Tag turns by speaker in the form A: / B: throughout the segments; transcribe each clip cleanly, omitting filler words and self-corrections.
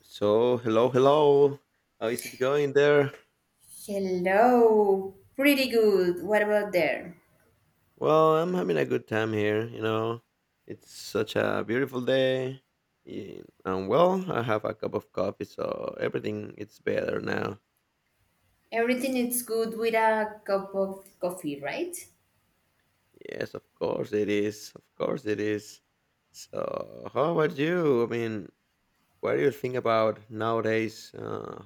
A: So, hello, hello. How is it going there?
B: Hello. Pretty good. What about there?
A: Well, I'm having a good time here, you know. It's such a beautiful day. And well, I have a cup of coffee, so everything it's better now.
B: Everything is good with a cup of coffee, right?
A: Yes, of course it is. Of course it is. So, how about you? What do you think about nowadays?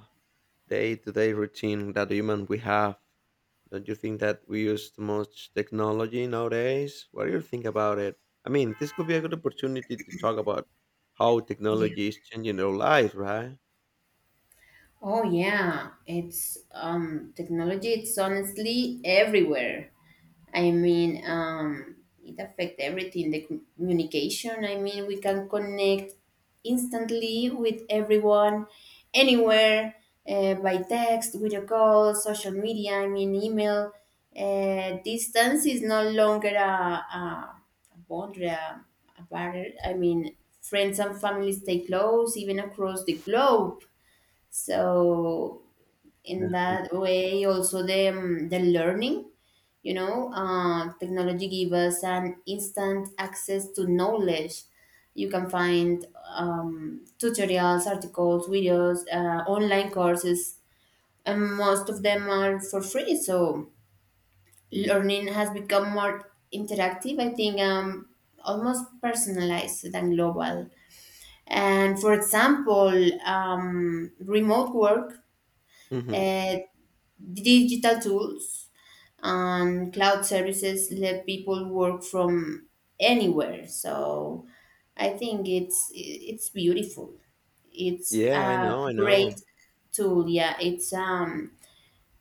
A: Day-to-day routine that human we have. Don't you think that we use too much technology nowadays? What do you think about it? I mean, this could be a good opportunity to talk about how technology is changing our lives, right?
B: Oh yeah, it's technology. It's honestly everywhere. I mean, it affects everything. The communication. I mean, we can connect instantly with everyone, anywhere, by text, video call, social media. I mean, email. Distance is no longer a boundary, a barrier. I mean, friends and families stay close, even across the globe, so in
A: Yeah.
B: that way also the learning. Technology give us an instant access to knowledge. You can find tutorials, articles, videos, online courses, and most of them are for free, so learning has become more interactive, I think. Almost personalized than global. And for example, remote work,
A: hmm
B: uh, digital tools and cloud services let people work from anywhere. So I think it's beautiful. It's
A: Yeah, I
B: a
A: know, I
B: great
A: know.
B: tool. Yeah, it's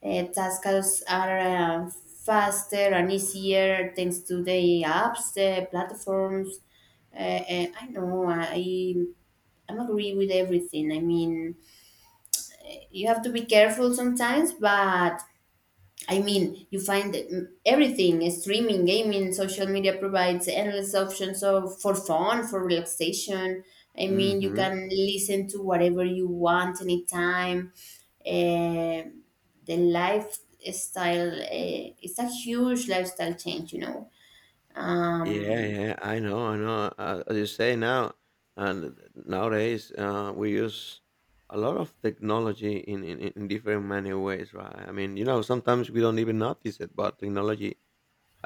B: tasks are faster and easier thanks to the apps, the platforms. Uh, I know, I'm agree with everything. I mean, you have to be careful sometimes, but I mean, you find that, everything streaming, gaming, social media provides endless options for fun, for relaxation. I mean, you
A: hmm
B: can listen to whatever you want anytime. Um the lifestyle, it's a huge lifestyle change. Um,
A: Yeah, yeah, I know, I know. As you say now, and nowadays we use a lot of technology in different many ways, right? I mean, you know, sometimes we don't even notice it, but technology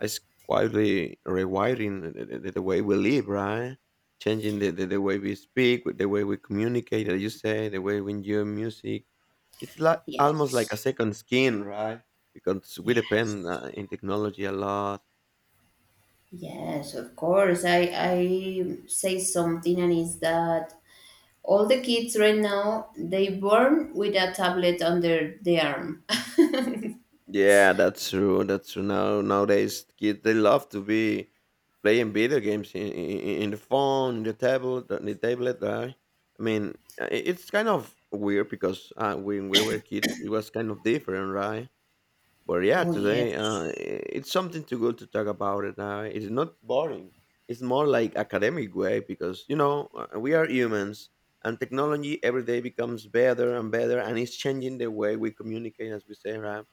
A: it's quietly rewiring the way we live, right? Changing the way we speak, with the way we communicate, as you say, the way we enjoy music. It's like almost like a
B: yes,
A: second skin, right? Because we
B: yes.
A: depend in technology a lot.
B: Yes, of course. I say something, and is that all the kids right now, they born with a tablet under the arm.
A: Yeah, that's true. That's true. Now nowadays, kids they love to be playing video games in the phone, in the tablet, on the tablet, right? I mean, it's kind of weird because when we were kids, it was kind of different, right? But yeah,
B: Oh,
A: today
B: yes.
A: it's something too good to talk about it. Now it's not boring. It's more like academic way because you know we are humans, and technology every day becomes better and better, and it's changing the way we communicate, as we say, right?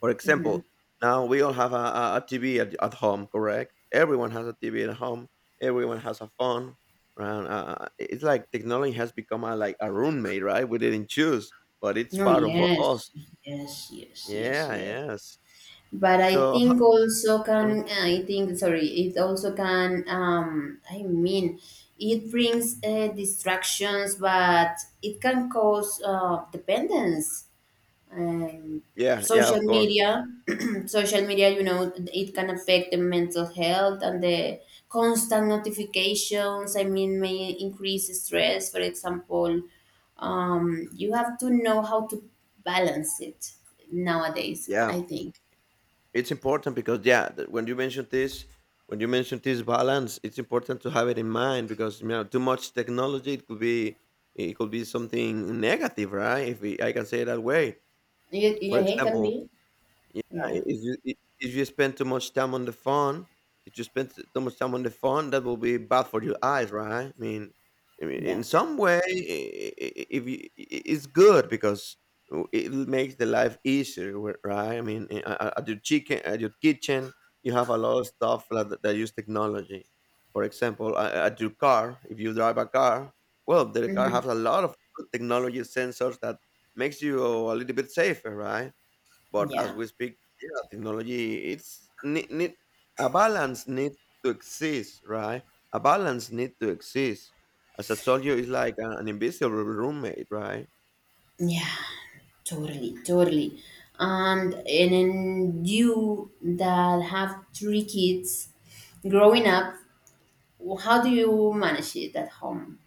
A: For
B: Hmm.
A: example, now we all have a TV at home, correct? Everyone has a TV at home. Everyone has a phone. Right? It's like technology has become a, like a roommate, right? We didn't choose, but it's
B: No,
A: part of us.
B: yes. Yes, yes, yes,
A: Yeah.
B: yes.
A: Yes.
B: But I
A: So.
B: think also
A: Mhm.
B: can I think sorry, it also can I mean, it brings distractions, but it can cause dependence. um,
A: Yeah, yeah,
B: Social
A: of course.
B: media social media, it can affect the mental health, and the constant notifications, I mean, may increase stress. For example, you have to know how to balance it nowadays,
A: Yeah,
B: I think.
A: it's important because yeah, when you mentioned this, when you mentioned this balance, it's important to have it in mind because you know too much technology it could be, it could be something negative, right? If we, I can say it that way. For
B: It can
A: example,
B: be.
A: yeah,
B: Yeah.
A: if you if you spend too much time on the phone, if you spend too much time on the phone, that will be bad for your eyes, right? I mean,
B: Yeah.
A: in some way, if you, it's good because it makes the life easier, right? I mean, at your chicken, at your kitchen, you have a lot of stuff like that, that use technology. For example, at your car, if you drive a car, well, the car
B: Hmm.
A: has a lot of good technology sensors that makes you a little bit safer, right? But as
B: Yeah.
A: we speak, yeah, technology it's need a balance needs to exist, right? A balance need to exist. As I told you, it's like an invisible roommate, right?
B: Yeah, totally, totally. And then, you that have three kids growing up, how do you manage it at home?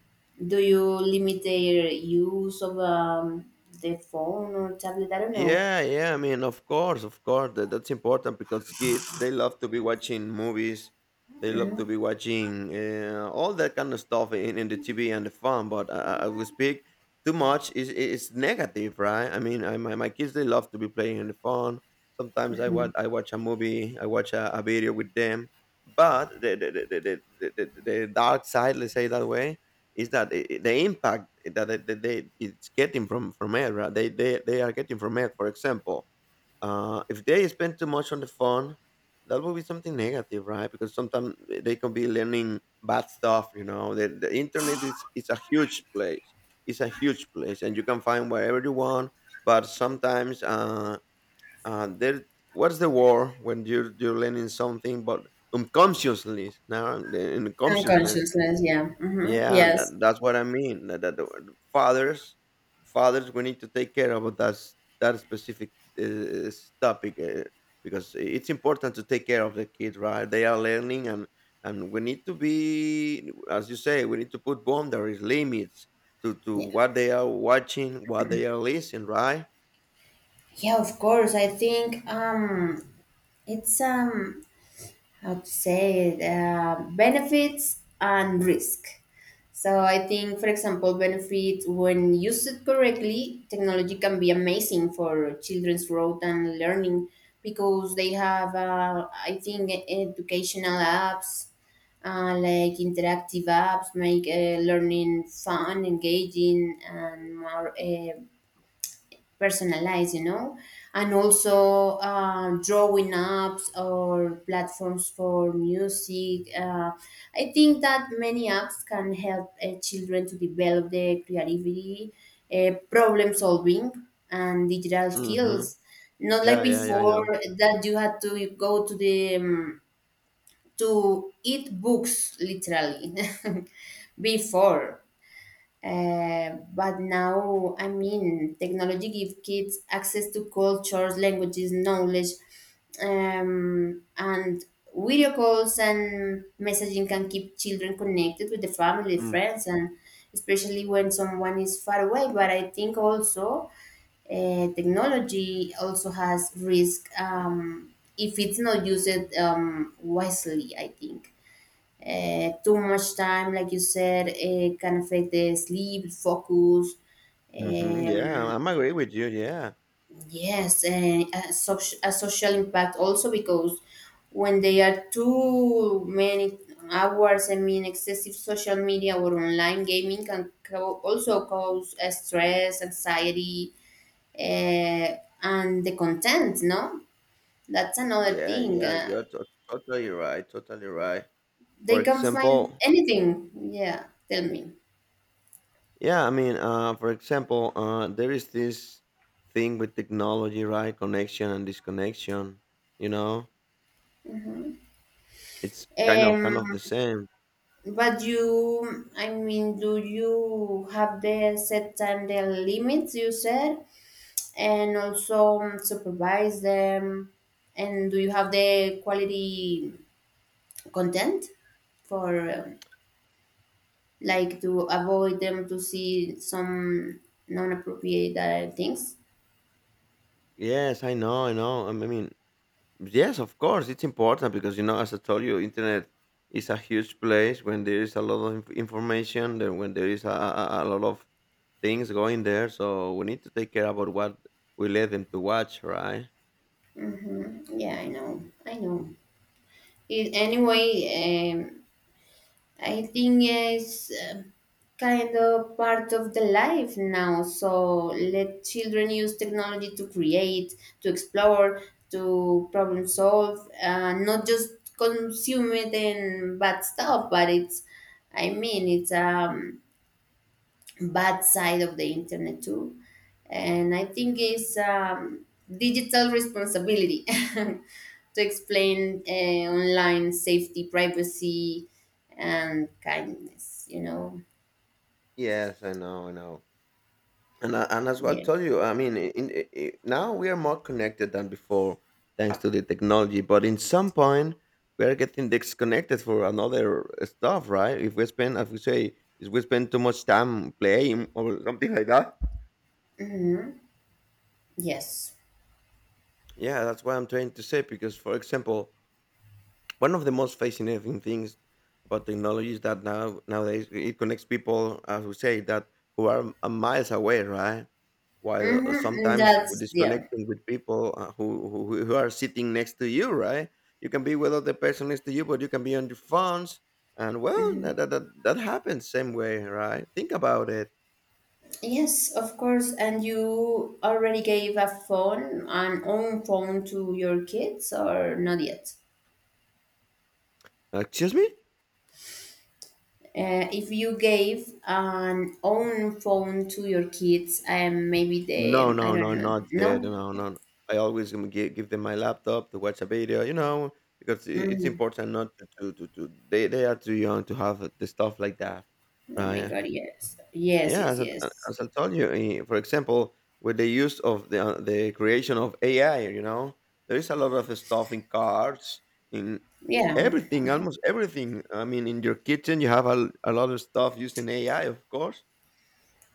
B: Do you limit their use of the phone or tablet? I don't know.
A: Yeah, yeah. I mean, of course, of course. That's important because kids they love to be watching movies. They love to be watching all that kind of stuff in the TV and the phone. But I will speak too much is negative, right? I mean, I, my kids they love to be playing on the phone. Sometimes I watch a movie, I watch a video with them. But the the dark side, let's say that way, is that the impact that they it's getting from it, right? They, they are getting from it. For example, if they spend too much on the phone, that will be something negative, right? Because sometimes they can be learning bad stuff, you know, the internet is it's a huge place, it's a huge place, and you can find wherever you want. But sometimes there, what's the war when you're learning something but unconsciously, now in consciousness.
B: Unconsciousness. Yeah. Yeah. Hmm.
A: Yeah,
B: Yes.
A: that, that's what I mean. That fathers, fathers, we need to take care about that that specific topic, because it's important to take care of the kids, right? They are learning, and we need to be, as you say, we need to put boundaries, limits to
B: Yeah.
A: what they are watching, what they are listening, right?
B: Yeah, of course. I think it's how to say it, benefits and risk. So I think, for example, benefits: when used correctly, technology can be amazing for children's growth and learning because they have, I think, educational apps, like interactive apps, make learning fun, engaging, and more. Personalized, you know, and also drawing apps or platforms for music. I think that many apps can help children to develop their creativity, problem solving, and digital
A: Mm-hmm.
B: skills. Not like
A: Yeah, yeah, yeah. I
B: before
A: know.
B: that you had to go to the to eat books literally before. But now, I mean, technology gives kids access to cultures, languages, knowledge, and video calls and messaging can keep children connected with the family,
A: Mm.
B: friends, and especially when someone is far away. But I think also, technology also has risk, if it's not used wisely, I think. Too much time, like you said, can affect the sleep, focus.
A: Mm-hmm. Yeah,
B: Um,
A: I'm agree with you. Yeah,
B: yes, and a social impact also, because when they are too many hours, I mean, excessive social media or online gaming can also cause stress, anxiety, uh, and the content, no? That's another
A: yeah,
B: thing.
A: yeah. You're totally right. Totally right. For
B: They can find
A: example,
B: anything. Yeah, tell me.
A: yeah, I mean, for example, there is this thing with technology, right? Connection and disconnection. You know, it's kind of kind
B: Um,
A: of the same.
B: But you, I mean, do you have the set time, the limits you said, and also supervise them? And do you have the quality content for like, to avoid them to see some non-appropriate things?
A: Yes, I know, I know. I mean, yes, of course, it's important because you know, as I told you, internet is a huge place when there is a lot of information, then when there is a lot of things going there. So we need to take care about what we let them to watch, right?
B: Hmm. Yeah, I know, I know. Anyway, um, I think it's kind of part of the life now. So let children use technology to create, to explore, to problem solve, not just consume it and bad stuff. But I mean, it's bad side of the internet too. And I think it's digital responsibility to explain online safety, privacy, and kindness.
A: Yes, I know, I know. And I, and as well, I
B: Yeah.
A: told you, I mean, in, now we are more connected than before, thanks to the technology. But in some point, we are getting disconnected for another stuff, right? If we spend, as we say, if we spend too much time playing or something like that.
B: Hmm. Yes.
A: Yeah, that's what I'm trying to say. Because, for example, one of the most fascinating things about technology is that now nowadays it connects people, as we say, that who are a miles away, right? While
B: Hmm.
A: sometimes we're
B: That's, yeah.
A: disconnecting with people who, who are sitting next to you, right? You can be with other person next to you, but you can be on your phones, and well,
B: Hmm.
A: that that happens same way, right? Think about it.
B: Yes, of course. And you already gave a phone an own phone to your kids, or not yet?
A: Excuse me.
B: If you gave an own phone to your kids, maybe
A: No,
B: the I
A: no,
B: don't
A: no,
B: know,
A: not yet.
B: no?
A: No, no, no. I always am give them my laptop to watch a video, you know, because it's
B: Mm,
A: important not to, to they are too young to have the stuff like that,
B: oh my
A: right?
B: God, yes. Yes,
A: Yeah,
B: yes,
A: as
B: yes.
A: I told you, for example, with the use of the creation of AI, you know, there is a lot of stuff in cars, in
B: Yeah,
A: everything, almost everything. I mean, in your kitchen, you have a lot of stuff using AI, of course.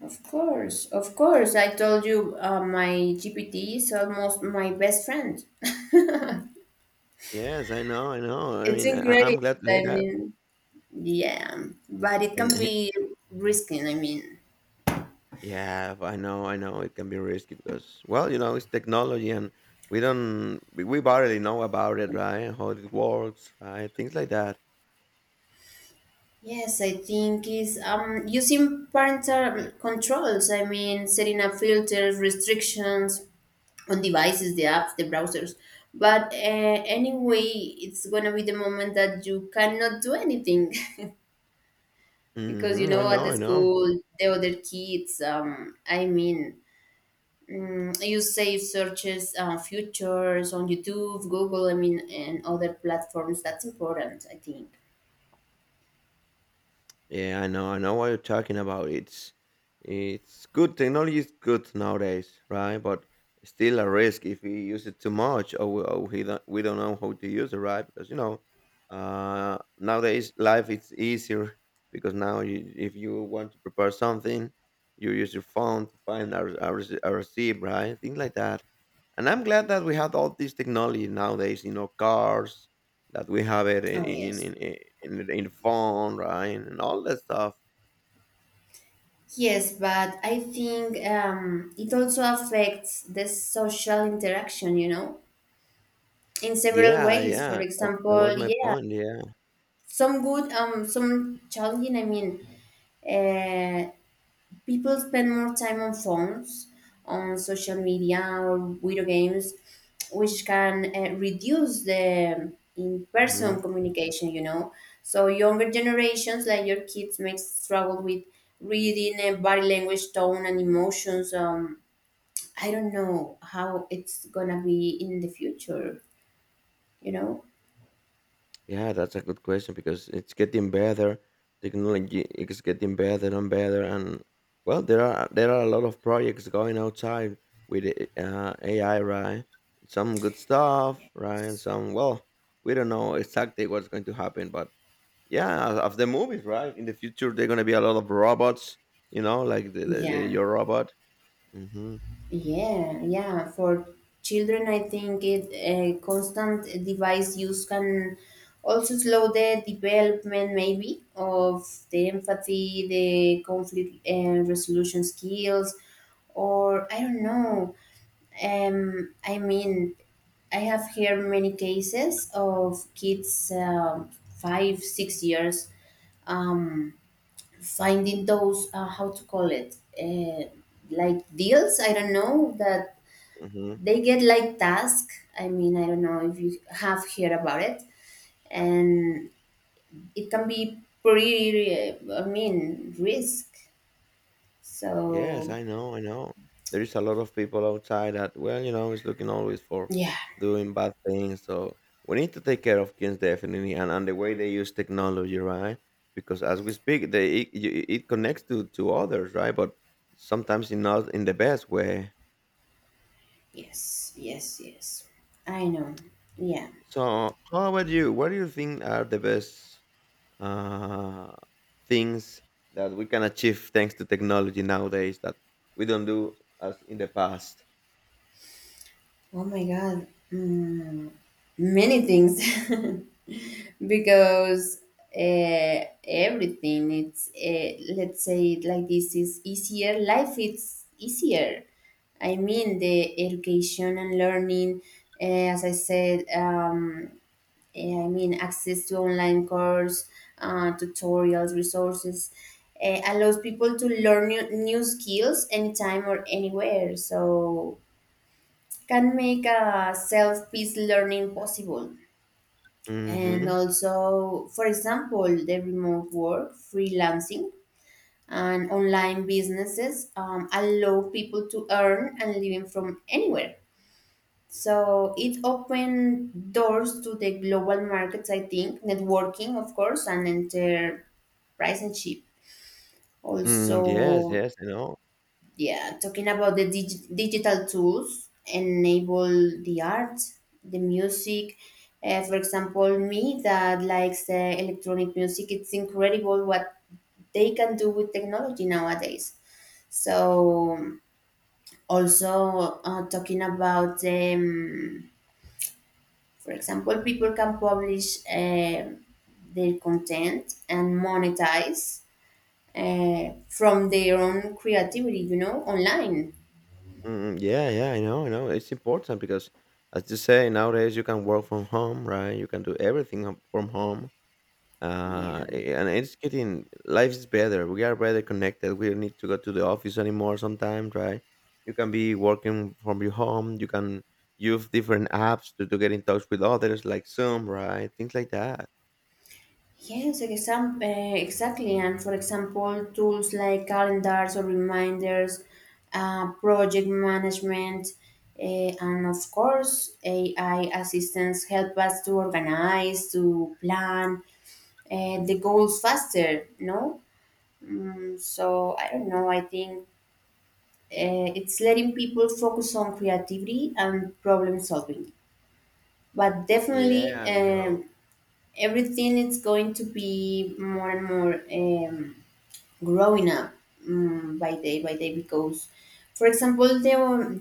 B: of course, of course. I told you, my GPT is almost my best friend.
A: Yes, I know, I know. I
B: It's
A: mean, I, am
B: incredible.
A: glad to hear
B: I
A: that.
B: mean, yeah, but it can
A: And he-
B: be risky. I mean,
A: Yeah, I know it can be risky because, well, you know, it's technology and we don't, we barely know about it, right? How it works, right? Things like that.
B: yes, I think is using parental controls. I mean, setting up filters, restrictions, on devices, the apps, the browsers. But anyway, it's gonna be the moment that you cannot do anything because,
A: I
B: at
A: know,
B: the
A: I know.
B: school, the other kids. I mean, you save searches, futures on YouTube, Google, I mean, and other platforms. That's important, I think.
A: Yeah, I know what you're talking about. It's good. Technology is good nowadays, right? But still a risk if we use it too much, or we, or we don't know how to use it, right? Because you know, nowadays life is easier because now you, if you want to prepare something, you use your phone to find our receipt, right? Things like that. And I'm glad that we have all this technology nowadays, you know, cars that we have it in
B: Oh
A: in
B: yes.
A: in, in, in the- in the phone, right, and all that stuff.
B: Yes, but I think it also affects the social interaction, in several
A: Yeah,
B: ways. For
A: yeah, that, that was
B: example,
A: my
B: yeah,
A: point. Yeah.
B: some good, some challenging, I mean, uh, people spend more time on phones, on social media or video games, which can reduce the
A: hmm
B: in-person communication. So younger generations, like your kids, may struggle with reading and body language, tone, and emotions. I don't know how it's gonna be in the future you know
A: yeah, that's a good question because it's getting better. Technology is getting better and better. And well, there are, there are a lot of projects going outside with AI, right? Some good stuff, right? And some, well, we don't know exactly what's going to happen. But yeah, of the movies, right, in the future they're going to be a lot of robots, you know, like the
B: yeah.
A: your robot. hmm
B: Yeah, yeah. For children, I think it a constant device use can also slow the development, maybe, of the empathy, the conflict and resolution skills, or I don't know. I mean, I have heard many cases of kids, 5, 6 years, um, finding those, how to call it, like deals. I don't know that
A: hmm
B: they get like task. I mean, I don't know if you have heard about it, and it can be pretty I mean, risk.
A: yes,
B: So
A: I know, I know. There is a lot of people outside that, well, you know, is looking always for
B: yeah.
A: doing bad things. So we need to take care of kids, definitely, and the way they use technology, right? Because as we speak, they, it it connects to others, right? But sometimes in not in the best way.
B: Yes, yes, yes, I know. Yeah.
A: So how about you? What do you think are the best uh, things that we can achieve thanks to technology nowadays that we don't do as in the past?
B: Oh my God. mm, Many things. Because everything, it's let's say it like this: is easier. Life it's easier. I mean, the education and learning, uh, as I said, I mean, access to online course, tutorials, resources, allows people to learn new skills anytime or anywhere, so can make a self-paced learning possible. And
A: hmm
B: also, for example, the remote work, freelancing, and online businesses, allow people to earn and living from anywhere, so it opened doors to the global markets, I think, networking, of course, and entrepreneurship
A: Mm, yes,
B: also.
A: yes, I know.
B: Yeah, talking about the digital tools enable the art, the music. For example, me that likes electronic music, it's incredible what they can do with technology nowadays. So, also, talking about, for example, people can publish their content and monetize from their own creativity, online.
A: Mm, yeah, yeah, I know, I know. It's important because, as you say, nowadays you can work from home, right? You can do everything from home. uh,
B: Yeah.
A: and it's getting life is better. We are better connected. We don't need to go to the office anymore. Sometimes, right? You can be working from your home. You can use different apps to get in touch with others, like Zoom, right? Things like that.
B: Yes, exactly. And for example, tools like calendars or reminders, project management, uh, and of course, AI assistants help us to organize, to plan, the goals faster, no? So I don't know, I think it's letting people focus on creativity and problem solving. But definitely,
A: Yeah, I know.
B: everything is going to be more and more. Growing up, by day by day, because, for example, the,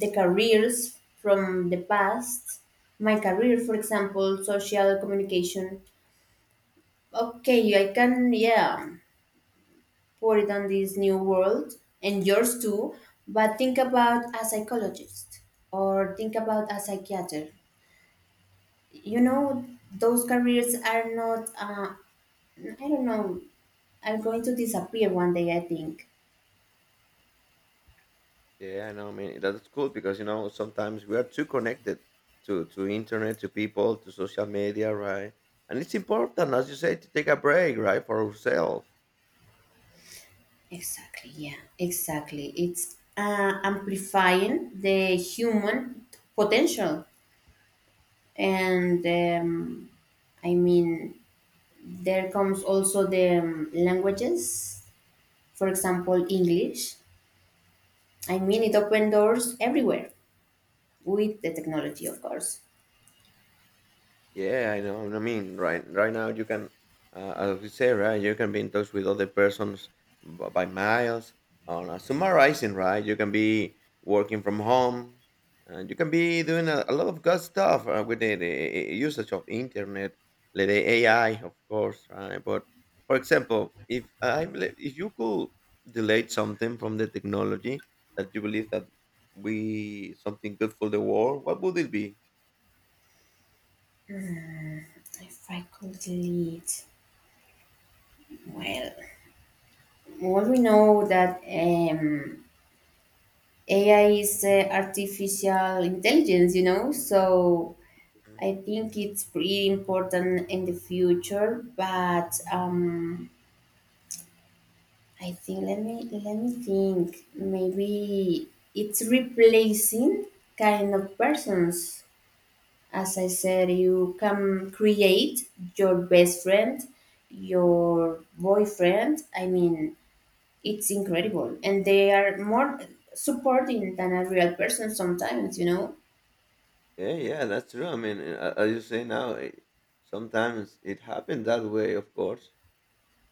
B: the careers from the past, my career, for example, social communication, okay, I can, yeah, put it on this new world, and yours too. But think about a psychologist, or think about a psychiatrist, you know those careers are not, I don't know, are going to disappear one day, I think.
A: Yeah, I know. I mean, that's cool because sometimes we are too connected to internet, to people, to social media, right? And it's important, as you say, to take a break, right, for ourselves.
B: Exactly, yeah, exactly. It's amplifying the human potential. And I mean, there comes also the languages, for example, English. I mean, it opened doors everywhere with the technology, of course.
A: Yeah, I know. I mean, right now you can, as we say, right, you can be in touch with other persons by miles. On summarizing, right, you can be working from home, and you can be doing a lot of good stuff with the usage of internet, like the AI, of course, right. But for example, if I believe, if you could delete something from the technology that you believe that we something good for the world, what would it be?
B: If I could delete, well, well, we know that AI is artificial intelligence, so I think it's pretty important in the future, but I think let me think. Maybe it's replacing kind of persons. As I said, you can create your best friend, your boyfriend. I mean, it's incredible, and they are more supporting than a real person sometimes. You know.
A: Yeah, yeah, that's true. I mean, as you say now, it, sometimes it happened that way, of course.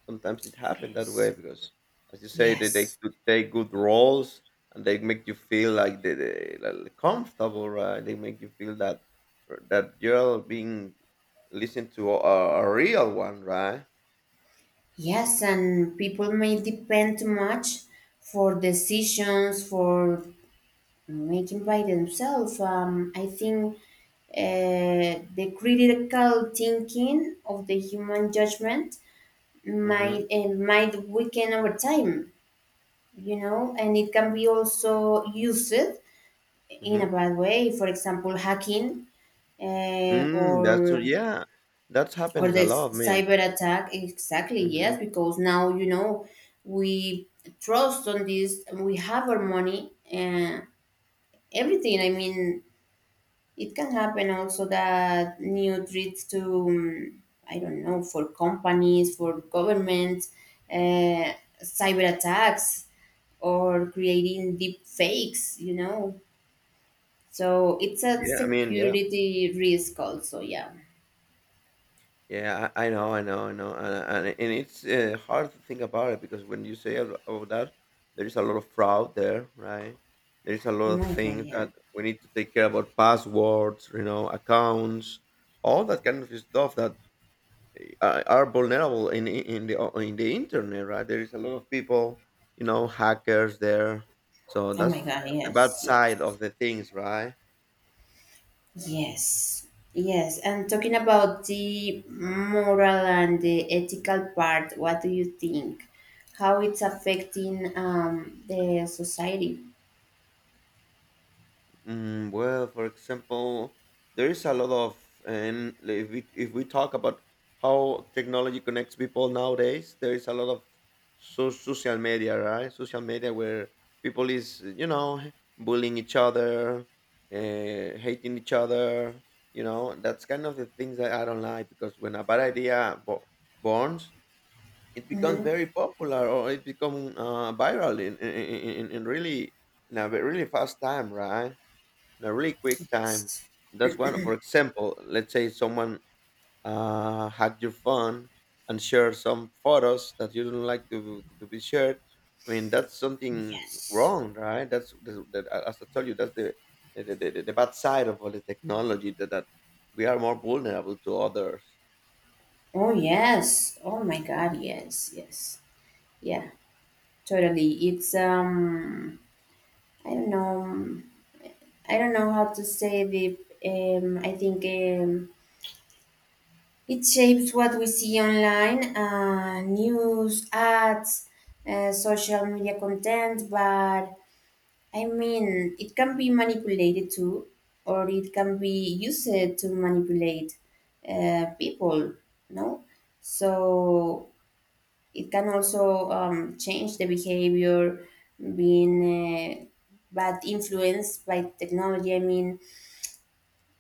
A: Sometimes it happened that way
B: Yes.
A: because, as you say, they
B: Yes.
A: could take good roles and they make you feel like they like comfortable, right? They make you feel that you're being listened to a real one, right?
B: Yes, and people may depend too much for decisions, for making by themselves. I think the critical thinking of the human judgment
A: Mm-hmm.
B: might weaken over time, and it can be also used in
A: Mm-hmm.
B: a bad way. For example, hacking, uh,
A: Mm, that's true.
B: or
A: Yeah, that
B: or
A: happens a
B: this
A: lot, man.
B: cyber attack, exactly,
A: Mm-hmm.
B: yes, because now, we trust on this, and we have our money and everything. I mean, it can happen also that new threats to, I don't know, for companies, for governments, uh, cyber attacks or creating deep fakes. So it's a
A: Yeah, I mean, yeah.
B: security risk also, yeah.
A: Yeah, I know, I know, I know, and it's hard to think about it because when you say about that, there is a lot of fraud there, right? There is a lot
B: Oh
A: of
B: my God,
A: things
B: yeah.
A: that we need to take care about passwords, you know, accounts, all that kind of stuff that are vulnerable in the internet, right? There is a lot of people, you know, hackers there, so
B: Oh my
A: that's
B: God.
A: the bad
B: Yes,
A: side
B: yes.
A: of the things, right?
B: Yes, yes. And talking about the moral and the ethical part, what do you think? How it's affecting the society?
A: Mm, well, for example, there is a lot of, and if we talk about how technology connects people nowadays, there is a lot of social media, right? Social media where people is bullying each other, hating each other. You know, that's kind of the things that I don't like because when a bad idea borns, it becomes
B: Hmm.
A: very popular or it becomes viral in really really fast time, right? In a really quick time.
B: Yes,
A: That's one, for example, let's say someone hacked your phone and shared some photos that you don't like to be shared. I mean, that's something
B: yes.
A: wrong, right? That's as I told you, that's the bad side of all the technology that, that we are more vulnerable to others.
B: Oh yes. Oh my God. Yes, yes. Yeah, totally. It's I don't know. I don't know how to say the. I think, it shapes what we see online, news, ads, social media content, but I mean, it can be manipulated too, or it can be used to manipulate people, no? So it can also, change the behavior, being, bad influenced by technology. I mean,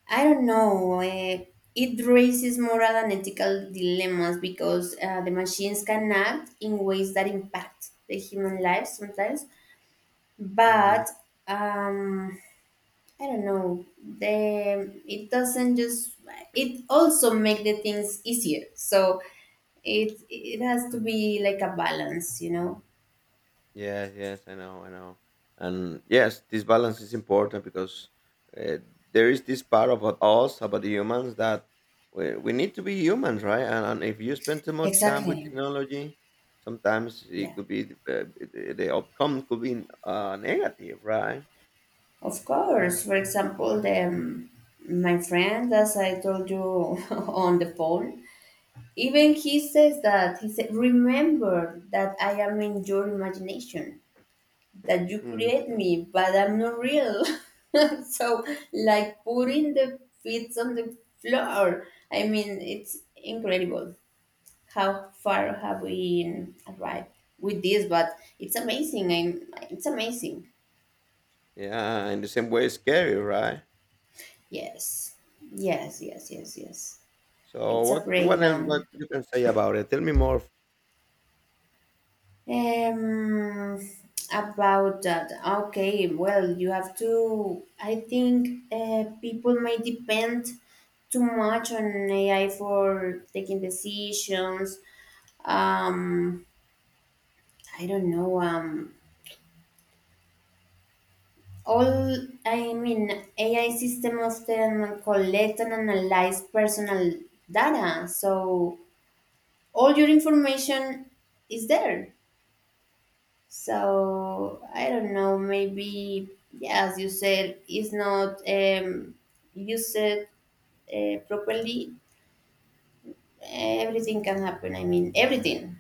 B: I don't know. It raises moral and ethical dilemmas because, the machines can act in ways that impact the human life sometimes,
A: Hmm
B: but um, I don't know. The It doesn't just, it also make the things easier. So it has to be like a balance.
A: Yes, yes, I know, I know. And yes, this balance is important because uh, there is this part about us, about the humans, that we need to be humans, right? And if you spend too much time with
B: Exactly.
A: technology, sometimes it
B: Yeah.
A: could be the outcome could be negative, right?
B: Of course. For example, the my friend, as I told you, on the phone, even he says, that he said, "Remember that I am in your imagination, that you
A: Mhm.
B: create me, but I'm not real." So, like putting the feet on the floor. I mean, it's incredible how far have we arrived with this, but it's amazing. It's amazing.
A: Yeah, in the same way, scary, right?
B: Yes, yes, yes, yes, yes.
A: So
B: It's a
A: what else what
B: breakdown.
A: you can say about it? Tell me more.
B: Um, about that. Okay, well, you have to. I think, people may depend too much on AI for taking decisions. Um, I don't know. All I mean, AI system often collect and analyze personal data, so all your information is there. So I don't know. Maybe, yeah, as you said, it's not, used, properly. Everything can happen. I mean, everything,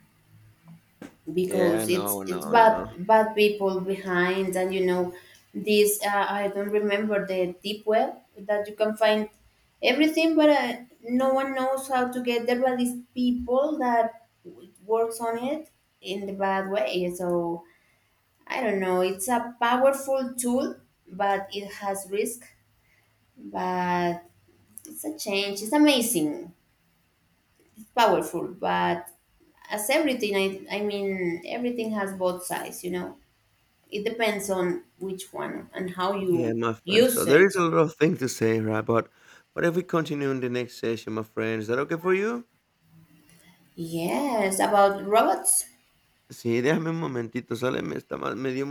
A: Yeah, I
B: because
A: know,
B: it's
A: I know,
B: it's
A: I
B: bad
A: know.
B: bad people behind, and this, I don't remember, the deep web that you can find everything, but no one knows how to get there. But these people that works on it in the bad way, so I don't know. It's a powerful tool, but it has risk. But it's a change. It's amazing. It's powerful, but as everything, I mean, everything has both sides. You know, it depends on which one and how
A: Yeah,
B: you
A: my friend. So
B: use
A: there is
B: it.
A: a lot of things to say, right? But what if we continue in the next session, my friend, is that okay for you?
B: Yes, about robots.
A: Sí, déjame un momentito, sale, me está mal, me dio